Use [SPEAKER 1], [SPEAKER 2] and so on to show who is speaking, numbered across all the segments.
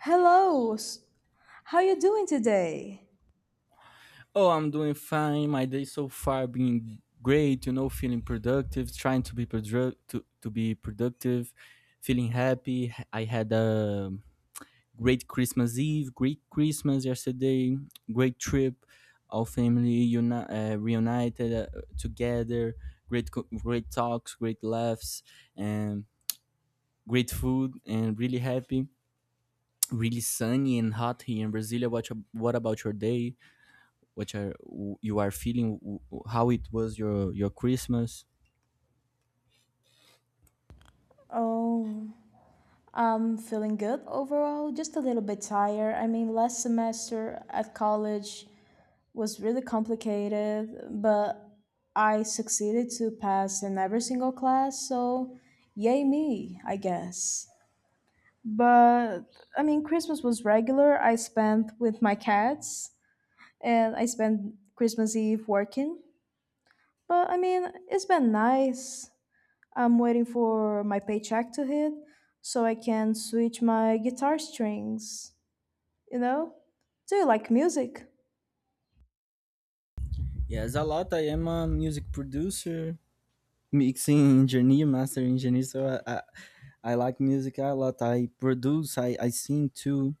[SPEAKER 1] Hello. How you doing today?
[SPEAKER 2] Oh, I'm doing fine. My day so far been great. You know, feeling productive, trying to be produ- to be productive, feeling happy. I had a great Christmas Eve, great Christmas yesterday, great trip. All family reunited together. Great, great talks, great laughs, and great food, and really happy. Really sunny and hot here in Brasilia. What about your day? Which are you are feeling how it was your christmas?
[SPEAKER 1] Oh, I'm feeling good overall, just a little bit tired. I mean, last semester at college was really complicated, but I succeeded to pass in every single class, so yay me, I guess. But I mean, Christmas was regular. I spent with my cats and I spent Christmas Eve working. But I mean, it's been nice. I'm waiting for my paycheck to hit so I can switch my guitar strings, you know? Do you like music?
[SPEAKER 2] Yes, a lot. I am a music producer, mixing engineer, master engineer. So I, I, I like music a lot. I produce. I sing too,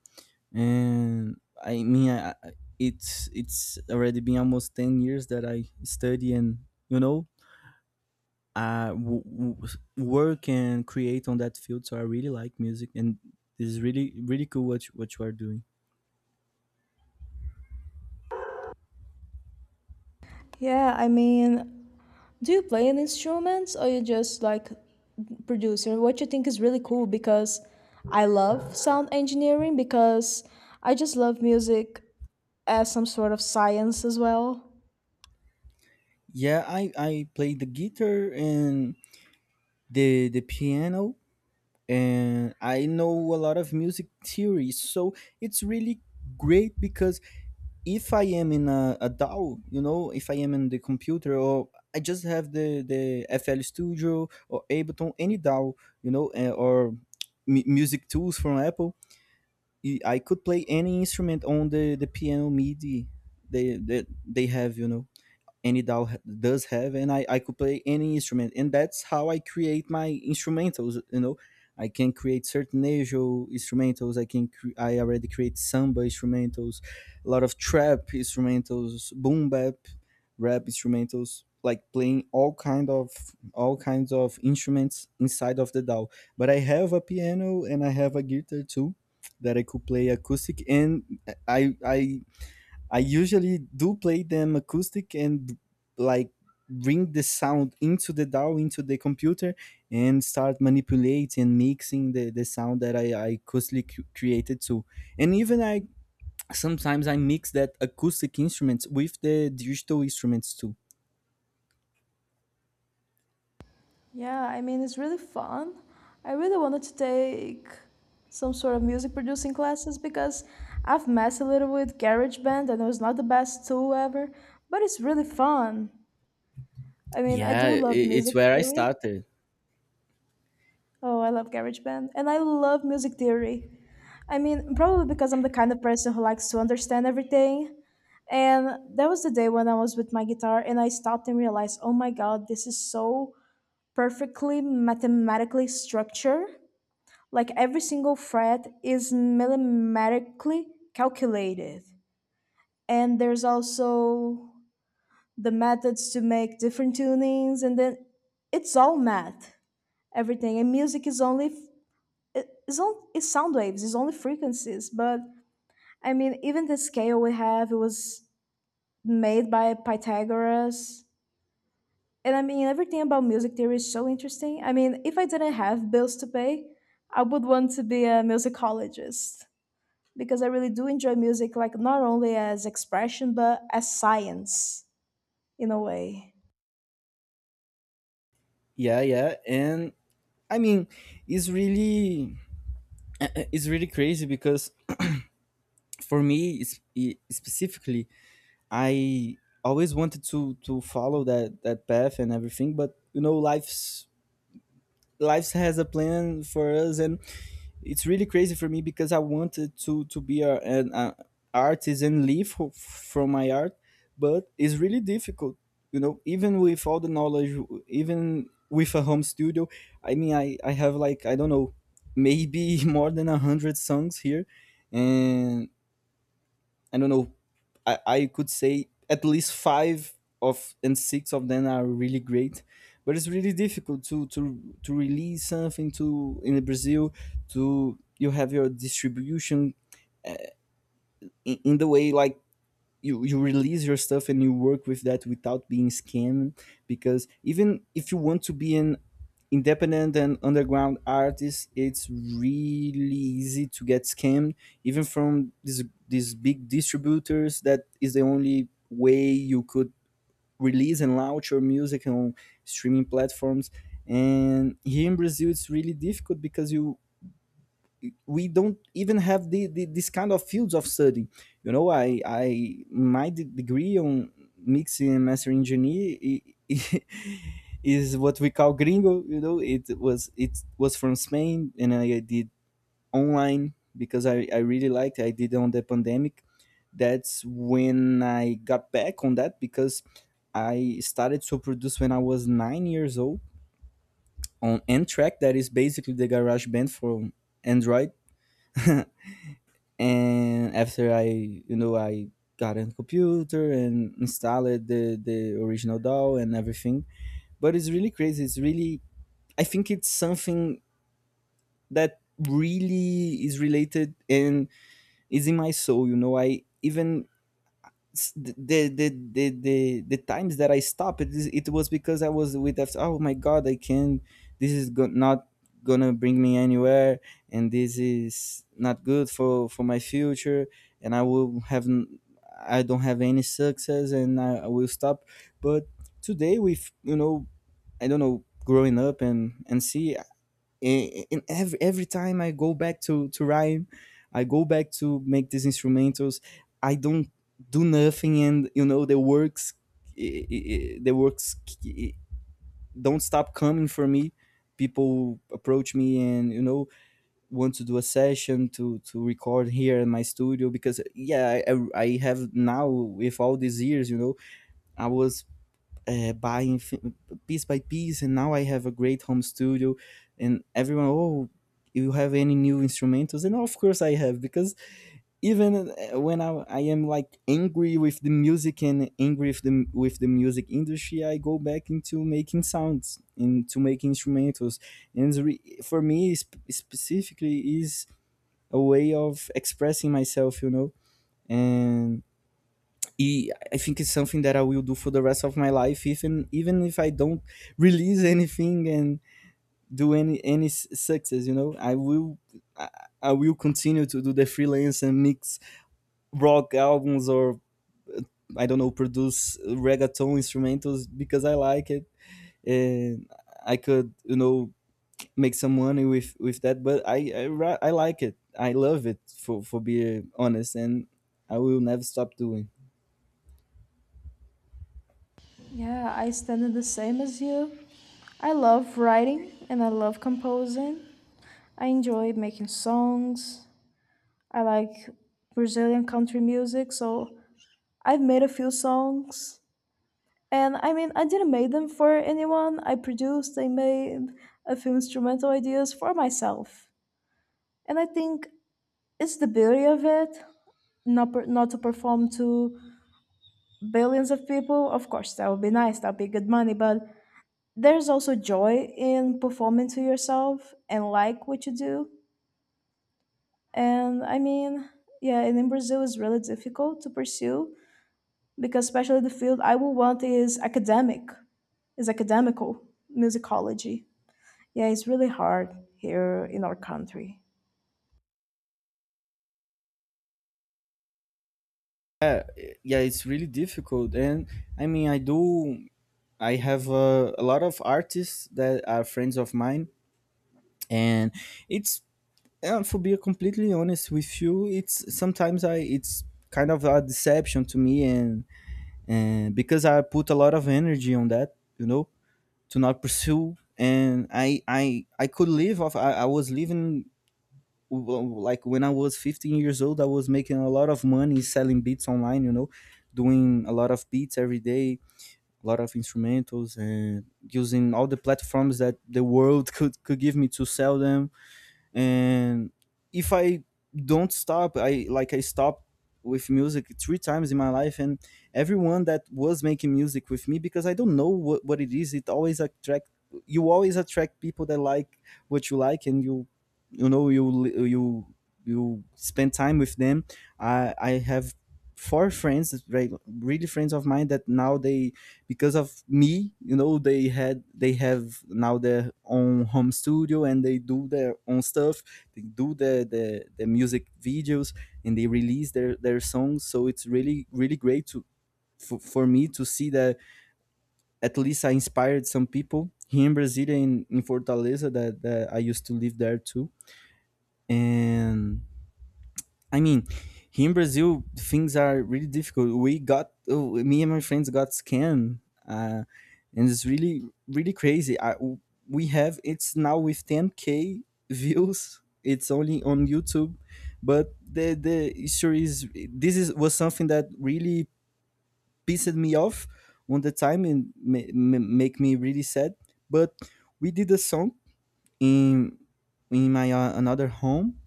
[SPEAKER 2] and I mean, it's already been almost 10 years that I study, and you know, I work and create on that field. So I really like music, and this is really really cool what you are doing.
[SPEAKER 1] Yeah, I mean, do you play an instrument or you just like producer? What you think is really cool because I love sound engineering because I just love music as some sort of science as well.
[SPEAKER 2] Yeah, I play the guitar and the piano, and I know a lot of music theory. So it's really great, because if I am in a DAW, you know, if I am in the computer, or I just have the FL Studio or Ableton, any DAW, or music tools from Apple, I could play any instrument on the piano MIDI they have, you know and it all does have, and I could play any instrument, and that's how I create my instrumentals. You know I can create sertanejo instrumentals. I already create samba instrumentals, a lot of trap instrumentals, boom bap rap instrumentals, like playing all kinds of instruments inside of the DAW. But I have a piano, and I have a guitar too, that I could play acoustic, and I I I usually do play them acoustic, and like bring the sound into the DAW, into the computer, and start manipulating and mixing the sound that I acoustically created too. And even I sometimes I mix that acoustic instruments with the digital instruments too.
[SPEAKER 1] Yeah, I mean, it's really fun. I really wanted to take some sort of music producing classes because I've messed a little with GarageBand and it was not the best tool ever, but it's really fun. I mean, I
[SPEAKER 2] Yeah,
[SPEAKER 1] do love
[SPEAKER 2] it's
[SPEAKER 1] music
[SPEAKER 2] where I
[SPEAKER 1] theory.
[SPEAKER 2] started.
[SPEAKER 1] Oh, I love GarageBand. And I love music theory. I mean, probably because I'm the kind of person who likes to understand everything. And that was the day when I was with my guitar and I stopped and realized, oh my God, this is so perfectly mathematically structured, like every single fret is mathematically calculated. And there's also the methods to make different tunings, and then it's all math, everything. And music is only it's on, it's sound waves, it's only frequencies. But I mean, even the scale we have, it was made by Pythagoras. And I mean, everything about music theory is so interesting. I mean, if I didn't have bills to pay, I would want to be a musicologist because I really do enjoy music, like not only as expression but as science in a way.
[SPEAKER 2] Yeah, yeah, and I mean, it's really it's really crazy, because for me specifically, I always wanted to follow that path and everything, but life has a plan for us, and it's really crazy for me because I wanted to be a, an a artist and live from my art, but it's really difficult. Even with all the knowledge, even with a home studio, I mean, I have, like, I don't know, maybe more than a hundred songs here, and I don't know. I could say at least five of and six of them are really great, but it's really difficult to release something to in Brazil, to you have your distribution in the way, like you release your stuff and you work with that without being scammed, because even if you want to be an independent and underground artist, it's really easy to get scammed, even from these big distributors, that is the only way you could release and launch your music on streaming platforms. And here in Brazil it's really difficult, because you we don't even have the this kind of fields of study. I My degree on mixing and mastering engineer, i- is what we call gringo. It was from Spain, and I did online because I really liked it. I did on the pandemic. That's when I got back on that, because I started to produce when I was 9 years old, on n-track, that is basically the garage band for android. And after I you know I got a computer and installed the original DAW and everything. But it's really crazy. It's really I think it's something that really is related and is in my soul. I even s- the the times that I stopped it, it was because I was with that, oh my God, I can't, this is not gonna bring me anywhere, and this is not good for my future, and I don't have any success, and I will stop. But today, with, I don't know, growing up and see, and every time I go back to rhyme, I go back to make these instrumentals. I don't do nothing, and you know the works. i- the works, i- don't stop coming for me. People approach me, and want to do a session to record here in my studio, because yeah, I have now, with all these years, I was buying piece by piece, and now I have a great home studio. And everyone, oh, you have any new instrumentals? And of course I have, because even when I am, like, angry with the music and angry with the music industry, I go back into making sounds, into making instrumentals. And it's for me, specifically, is a way of expressing myself. And I think it's something that I will do for the rest of my life, even if I don't release anything and do any success. I, I will continue to do the freelance and mix rock albums, or I don't know, produce reggaeton instrumentals, because I like it, and I could, make some money with that. But I like it. I love it, for being honest, and I will never stop doing.
[SPEAKER 1] Yeah, I stand in the same as you. I love writing and I love composing. I enjoy making songs. I like Brazilian country music, so I've made a few songs. And I mean, I didn't make them for anyone. I produced, I made a few instrumental ideas for myself. And I think it's the beauty of it, not to perform to billions of people, of course, that would be nice, that'd be good money, but there's also joy in performing to yourself and like what you do. And I mean, yeah, and in Brazil it's really difficult to pursue because especially the field I would want is academic, is academical musicology. Yeah, it's really hard here in our country.
[SPEAKER 2] Yeah, yeah, it's really difficult. And I mean, I have a lot of artists that are friends of mine, and it's, for being completely honest with you, it's kind of a deception to me, and because I put a lot of energy on that, to not pursue. And I could live off. I was living like when I was 15 years old. I was making a lot of money selling beats online, doing a lot of beats every day, a lot of instrumentals, and using all the platforms that the world could give me to sell them. And if I don't stop — I, like, I stopped with music three times in my life, and everyone that was making music with me, because I don't know what it is, it always attract, you always attract people that like what you like, and you know you li- you spend time with them. I have four friends, right, really friends of mine, that now they, because of me, they have now their own home studio, and they do their own stuff. They do the music videos, and they release their songs. So it's really really great for me to see that, at least I inspired some people here in Brazil, in Fortaleza, that I used to live there too. And I mean, here in Brazil, things are really difficult. Me and my friends got scammed, uh, and it's really really crazy. I, we have It's now with 10K views. It's only on YouTube, but the issue is, this is was something that really pissed me off on the time and make me really sad. But we did a song in in my another home,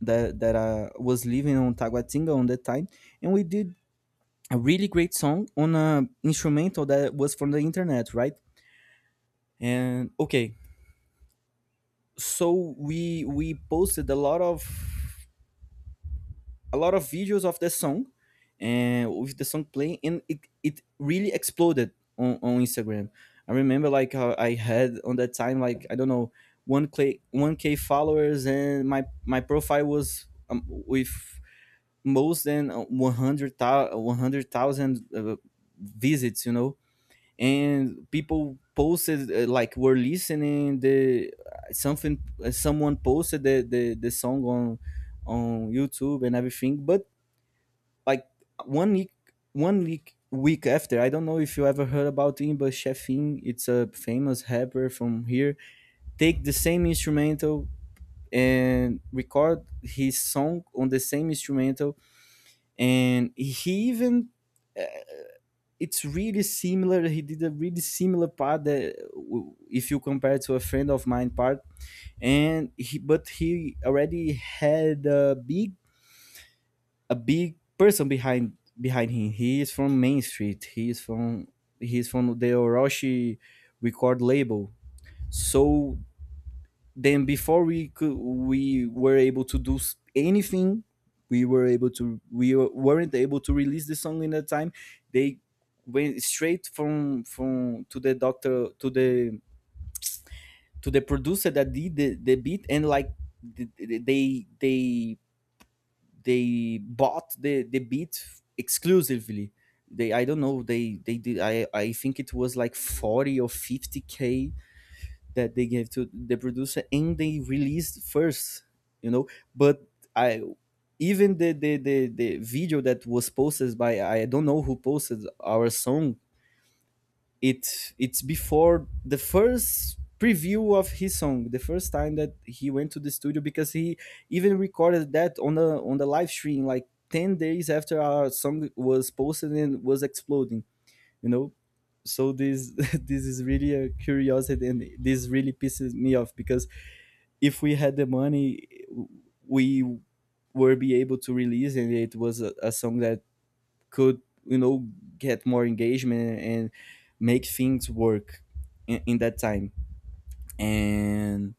[SPEAKER 2] that was living on Taguatinga on that time, and we did a really great song on a instrumental that was from the internet, right? And okay, so we posted a lot of videos of the song, and with the song playing, and it really exploded on Instagram. I remember, like, how I had on that time, like, I don't know, one k followers, and my profile was with most than 100,000 100, uh, visits, and people posted like were listening the something, someone posted the song on YouTube and everything. But like one week one week after, I don't know if you ever heard about him, but Chefin, it's a famous rapper from here, take the same instrumental and record his song on the same instrumental. And he even it's really similar. He did a really similar part if you compare to a friend of mine part. And he already had a big person behind him. He is from Main Street. He is from the Orochi record label. So then, before we were able to do anything, we were able to we were- weren't able to release the song in that time. They went straight from to the producer that did the beat. And like, th- th- they they they bought the beat exclusively. They, I don't know, they did. I think it was like 40 or 50k that they gave to the producer, and they released first, you know. But I even the video that was posted by, I don't know who posted our song, it's before the first preview of his song, the first time that he went to the studio, because he even recorded that on the live stream like 10 days after our song was posted and was exploding, you know. So this this is really a curiosity, and this really pisses me off because if we had the money, we would be able to release, and it was a song that could you know get more engagement and make things work in that time. And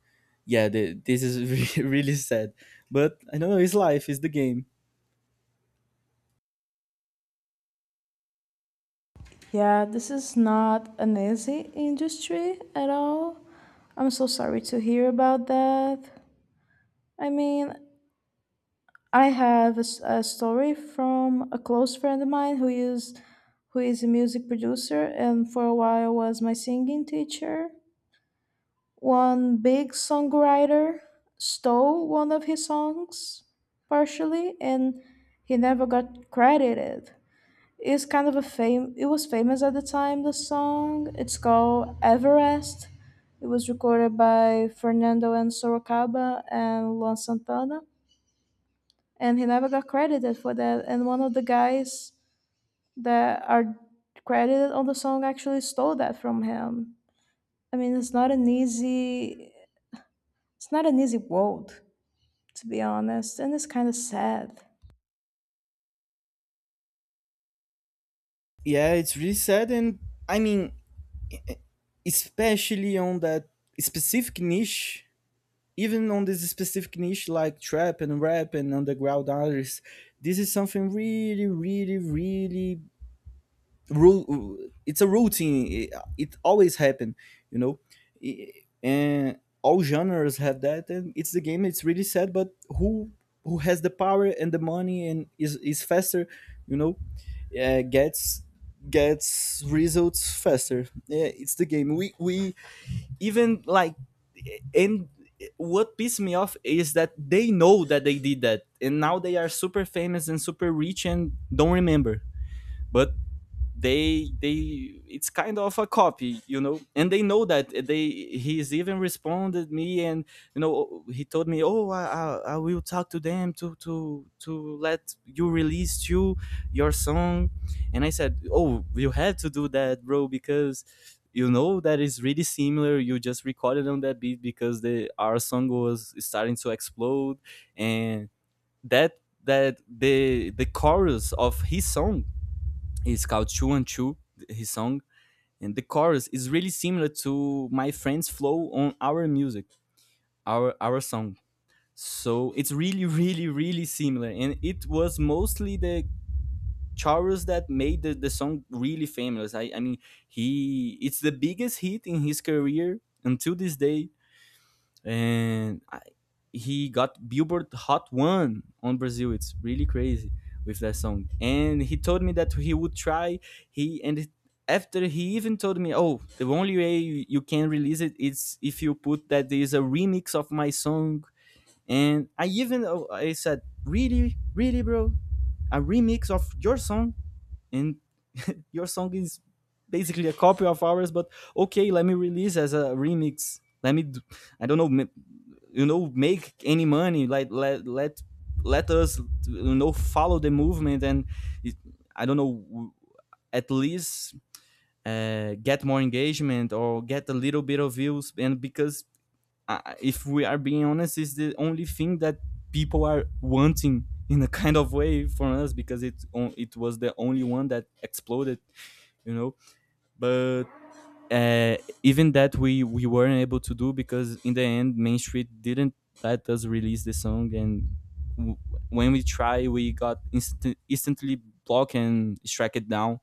[SPEAKER 2] yeah, this is really sad. But I don't know, it's life, it's the game.
[SPEAKER 1] Yeah, this is not an easy industry at all. I'm so sorry to hear about that. I mean, I have a story from a close friend of mine who is a music producer and for a while was my singing teacher. One big songwriter stole one of his songs partially and he never got credited. It's kind of a fame, it was famous at the time, the song. It's called Everest. It was recorded by Fernando and Sorocaba and Luan Santana, and he never got credited for that. And one of the guys that are credited on the song actually stole that from him. I mean, it's not an easy world, to be honest, and it's kind of sad.
[SPEAKER 2] Yeah, it's really sad. And I mean, e- e-, especially on that specific niche, even on this specific niche like trap and rap and underground artists, this is something really, really, really, it's a routine. It always happen, you know, I- and all genres have that, and it's the game. It's really sad, but who has the power and the money and is faster, you know, uh, gets gets results faster. Yeah, it's the game. We even like, and what pissed me off is that they know that they did that, and now they are super famous and super rich and don't remember. But they it's kind of a copy, you know. And they know that they he's even responded me. And you know, he told me, oh, I will talk to them to let you release your song. And I said, oh, you had to do that, bro, because you know that is really similar, you just recorded on that beat because the our song was starting to explode. And that that the chorus of his song, it's called Two and Two, his song. And the chorus is really similar to my friend's flow on our music, our song. So it's really, really, really similar. And it was mostly the chorus that made the song really famous. I mean he it's the biggest hit in his career until this day. and I, he got Billboard Hot One on Brazil. It's really crazy with that song. And he told me that he would try. He and it- After he even told me, "Oh, the only way you can release it is if you put that there is a remix of my song." And I said, "Really, really, bro, a remix of your song?" And your song is basically a copy of ours, but okay, let me release as a remix, let me do, I don't know, you know, make any money, like, let us, you know, follow the movement. And it, I don't know, at least get more engagement or get a little bit of views. And because, if we are being honest, is the only thing that people are wanting in a kind of way from us because it was the only one that exploded, you know. But uh, even that we weren't able to do because in the end, Main Street didn't let us release the song. And w- when we try, we got instantly blocked and struck it down.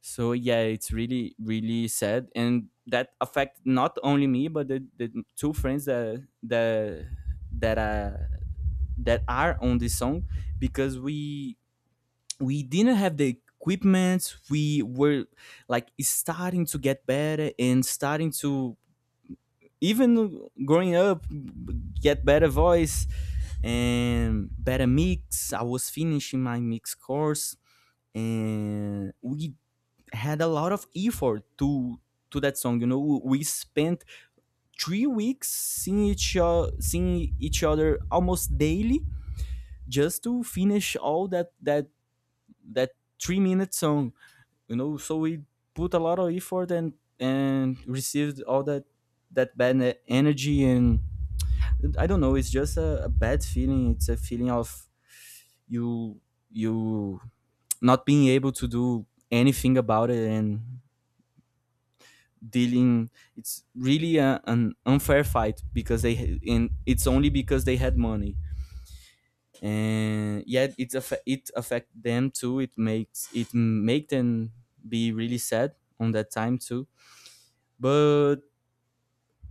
[SPEAKER 2] So yeah, it's really, really sad. And that affected not only me, but the two friends that uh that are on this song, because we didn't have the equipment. We were like starting to get better and starting to, even growing up, get better voice and better mix. I was finishing my mix course. And we had a lot of effort to that song. You know, we spent 3 weeks seeing each other almost daily, just to finish all that 3 minute song. You know, so we put a lot of effort, and received all that that bad energy. And I don't know. It's just a bad feeling. It's a feeling of you you not being able to do anything about it and dealing. It's really an unfair fight because they ha- and it's only because they had money. And yet, it affect them too. It make them be really sad on that time too. But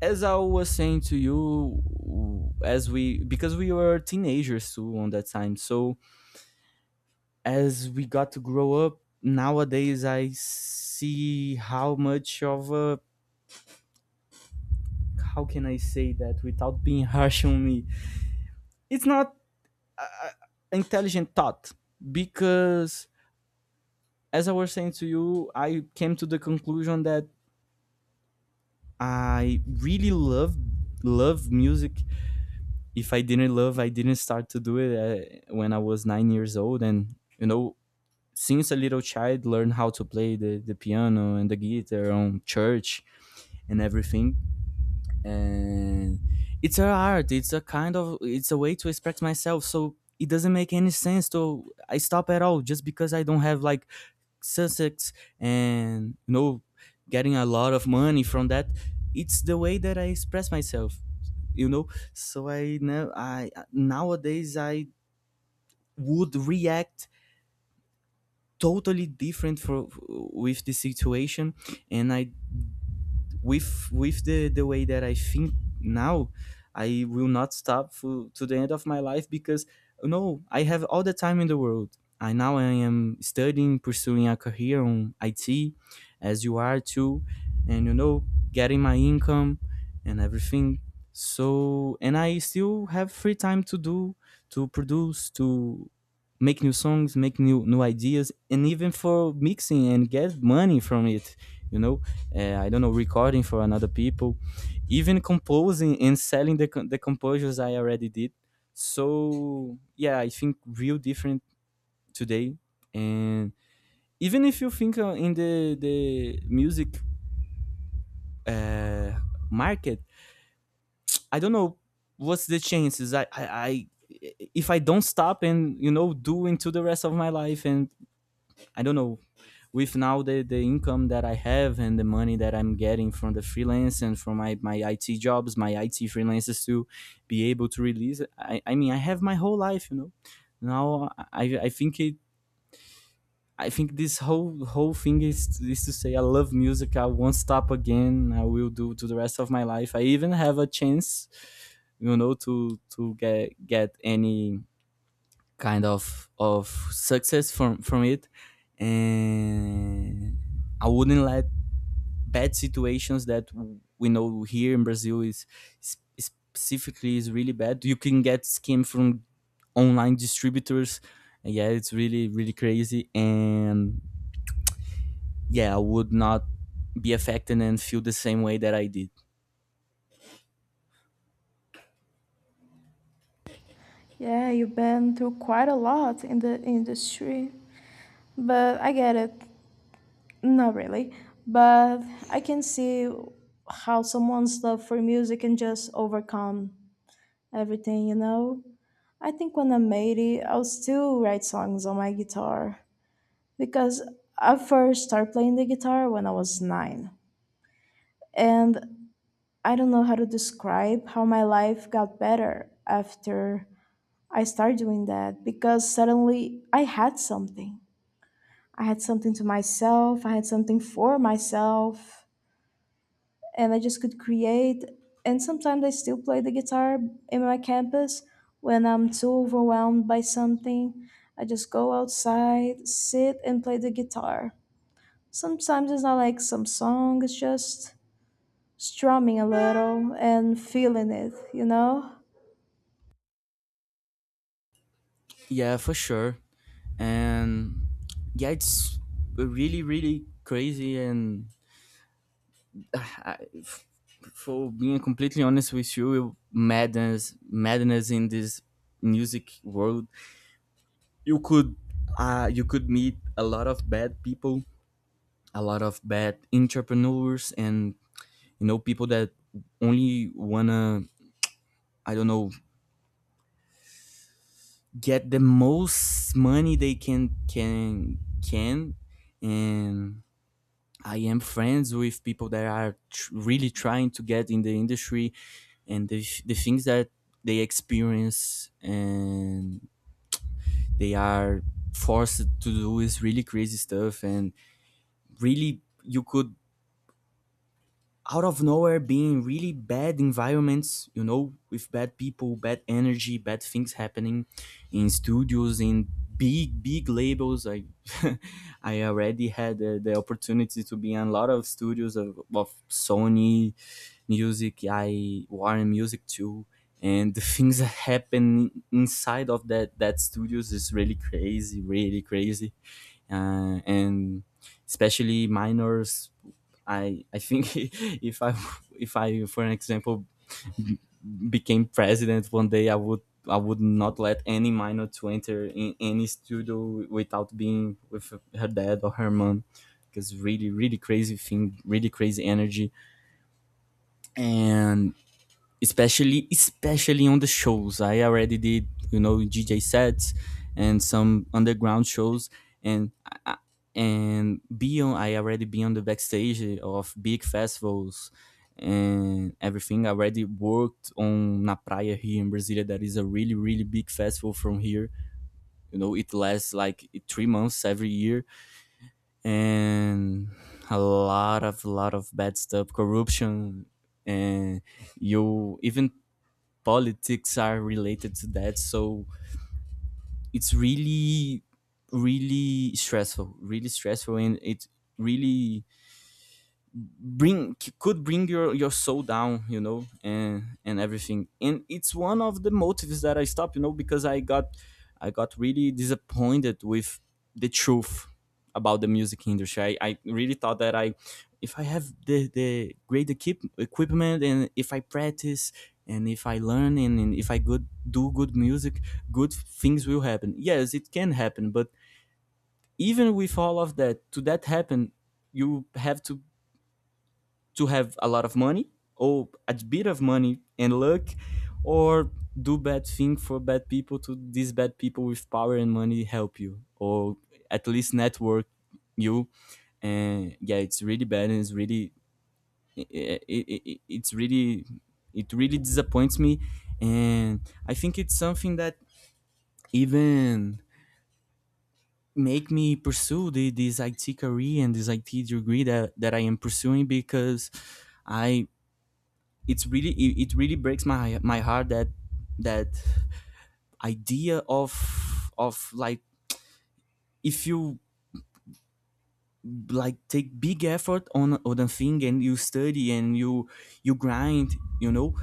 [SPEAKER 2] as I was saying to you, as we, because we were teenagers too on that time, so as we got to grow up, nowadays I see how much of a, how can I say that without being harsh on me, it's not intelligent thought, because as I was saying to you, I came to the conclusion that I really love music. If I didn't love, I didn't start to do it when I was 9 years old, and you know, since a little child, learn how to play the piano and the guitar on church and everything. And it's an art. It's a kind of it's a way to express myself. So it doesn't make any sense to I stop at all just because I don't have like Sussex, and you know, getting a lot of money from that. It's the way that I express myself, you know. So I know I nowadays I would react totally different for with the situation. And I with the way that I think now, I will not stop to the end of my life because no, I have all the time in the world. I am studying, pursuing a career on IT, as you are too, and you know, getting my income and everything. So and I still have free time to do, to produce, to make new songs, make new ideas, and even for mixing and get money from it. You know, I don't know, recording for another people, even composing and selling the composures I already did. So yeah, I think real different today. And even if you think in the music uh, market, I don't know what's the chances. I If I don't stop and, you know, do into the rest of my life, and I don't know, with now the income that I have and the money that I'm getting from the freelance and from my IT jobs, my IT freelances, to be able to release it. I mean, I have my whole life, you know. Now I think this whole thing is to say I love music. I won't stop again. I will do to the rest of my life. I even have a chance, you know, to get any kind of success from it. And I wouldn't let bad situations that, we know, here in Brazil is, specifically is really bad. You can get scam from online distributors. Yeah, it's really, really crazy. And yeah, I would not be affected and feel the same way that I did.
[SPEAKER 1] Yeah, you've been through quite a lot in the industry, but I get it. Not really, but I can see how someone's love for music can just overcome everything, you know. I think when I'm 80, I'll still write songs on my guitar because I first started playing the guitar when I was nine. And I don't know how to describe how my life got better after I started doing that because suddenly I had something. I had something for myself. And I just could create. And sometimes I still play the guitar in my campus when I'm too overwhelmed by something. I just go outside, sit, and play the guitar. Sometimes it's not like some song, it's just strumming a little and feeling it, you know?
[SPEAKER 2] Yeah, for sure. And yeah, it's really, really crazy. And I- f- for being completely honest with you, madness, madness in this music world. You could, you could meet a lot of bad people, a lot of bad entrepreneurs, and you know, people that only wanna, I don't know, get the most money they can, and I am friends with people that are really trying to get in the industry, and the things that they experience and they are forced to do is really crazy stuff. And really, you could out of nowhere being really bad environments, you know, with bad people, bad energy, bad things happening in studios, in big, big labels. I already had the opportunity to be in a lot of studios of Sony Music, I Warner Music too. And the things that happen inside of that studios is really crazy, and especially minors. I think if I for an example b- became president one day, I would not let any minor to enter in any studio without being with her dad or her mom, because really, really crazy thing, really crazy energy. And especially on the shows. I already did, you know, DJ sets and some underground shows, and I- be on. I already been on the backstage of big festivals and everything. I already worked on Na Praia here in Brasilia. That is a really big festival from here. You know, it lasts like 3 months every year, and a lot of bad stuff, corruption, and you even politics are related to that. So it's really stressful, really stressful, and it really could bring your soul down, you know, and everything. And it's one of the motives that I stopped, you know, because I got I got really disappointed with the truth about the music industry. I really thought that I if I have the equipment, and if I practice and if I learn and if I good do good music, good things will happen. Yes, it can happen, but even with all of that, to that happen, you have to have a lot of money, or a bit of money and luck, or do bad thing for bad people to these bad people with power and money help you, or at least network you and yeah, it's really bad. And it's really it's really it really disappoints me. And I think it's something that even make me pursue this IT career and this IT degree that I am pursuing, because I it's really it really breaks my heart that that idea of like, if you like take big effort on a thing, and you study, and you grind, you know,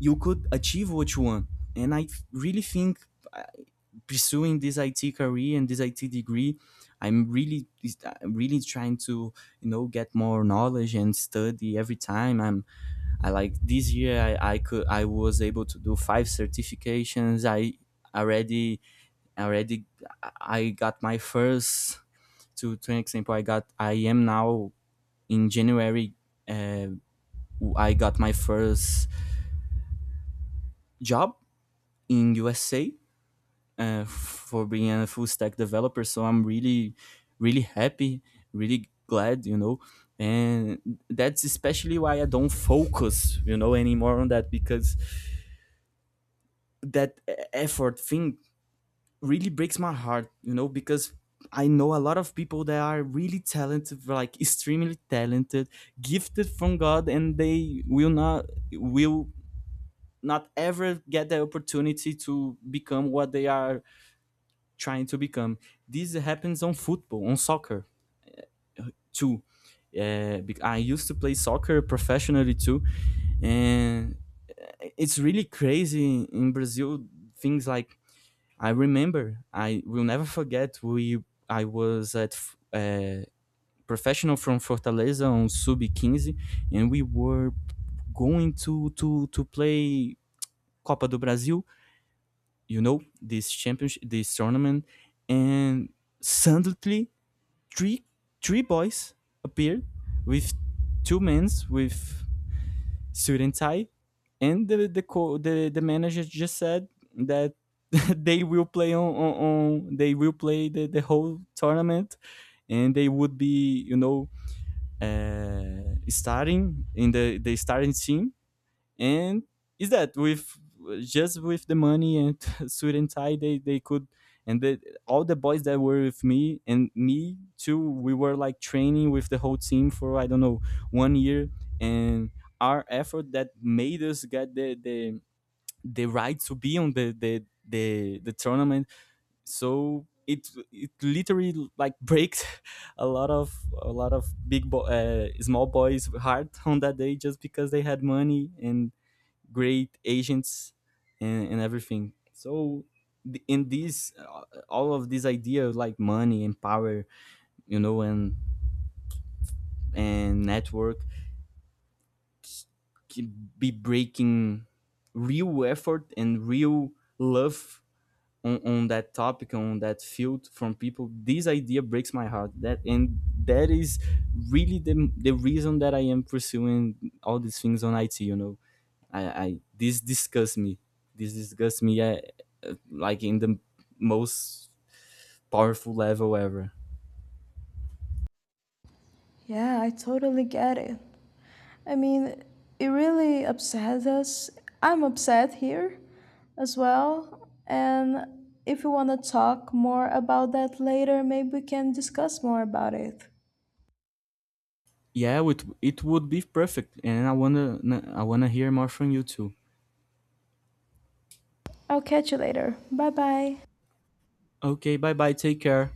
[SPEAKER 2] you could achieve what you want. And I really think, uh, pursuing this IT career and this IT degree, I'm really I'm really trying to, you know, get more knowledge and study every time. I like this year I could I was able to do 5 certifications. I already already I got my first, to an example, I got I am now, in January, uh, I got my first job in USA, for being a full stack developer. So I'm really really happy, really glad, you know. And that's especially why I don't focus, you know, anymore on that, because that effort thing really breaks my heart, you know, because I know a lot of people that are really talented, like extremely talented, gifted from God, and they will not ever get the opportunity to become what they are trying to become. This happens on football, on soccer too. I used to play soccer professionally too, and it's really crazy in Brazil. Things like, I remember, I will never forget. We I was professional from Fortaleza on sub 15, and we were going to play Copa do Brasil. You know, this championship, this tournament, and suddenly three three boys appeared with two men with student tie, and the manager just said that they will play on they will play the whole tournament, and they would be, you know, starting in the starting team. And is that with just with the money and suit and tie they could. And all the boys that were with me, and me too, we were like training with the whole team for I don't know, one year, and our effort that made us get the right to be on the tournament. So it literally like breaks a lot of small boys heart on that day just because they had money and great agents, and everything. So in this, all of these ideas like money and power, you know, and network c- can be breaking real effort and real love on that topic, on that field from people. This idea breaks my heart, that, and that is really the reason that I am pursuing all these things on IT, you know. I, this disgusts me, this disgusts me, like in the most powerful level ever.
[SPEAKER 1] Yeah, I totally get it. I mean, it really upsets us. I'm upset here as well. And if you want to talk more about that later, maybe we can discuss more about it.
[SPEAKER 2] Yeah, it would be perfect, and I wanna I wanna hear more from you too.
[SPEAKER 1] I'll catch you later. Bye bye.
[SPEAKER 2] Okay, bye bye, take care.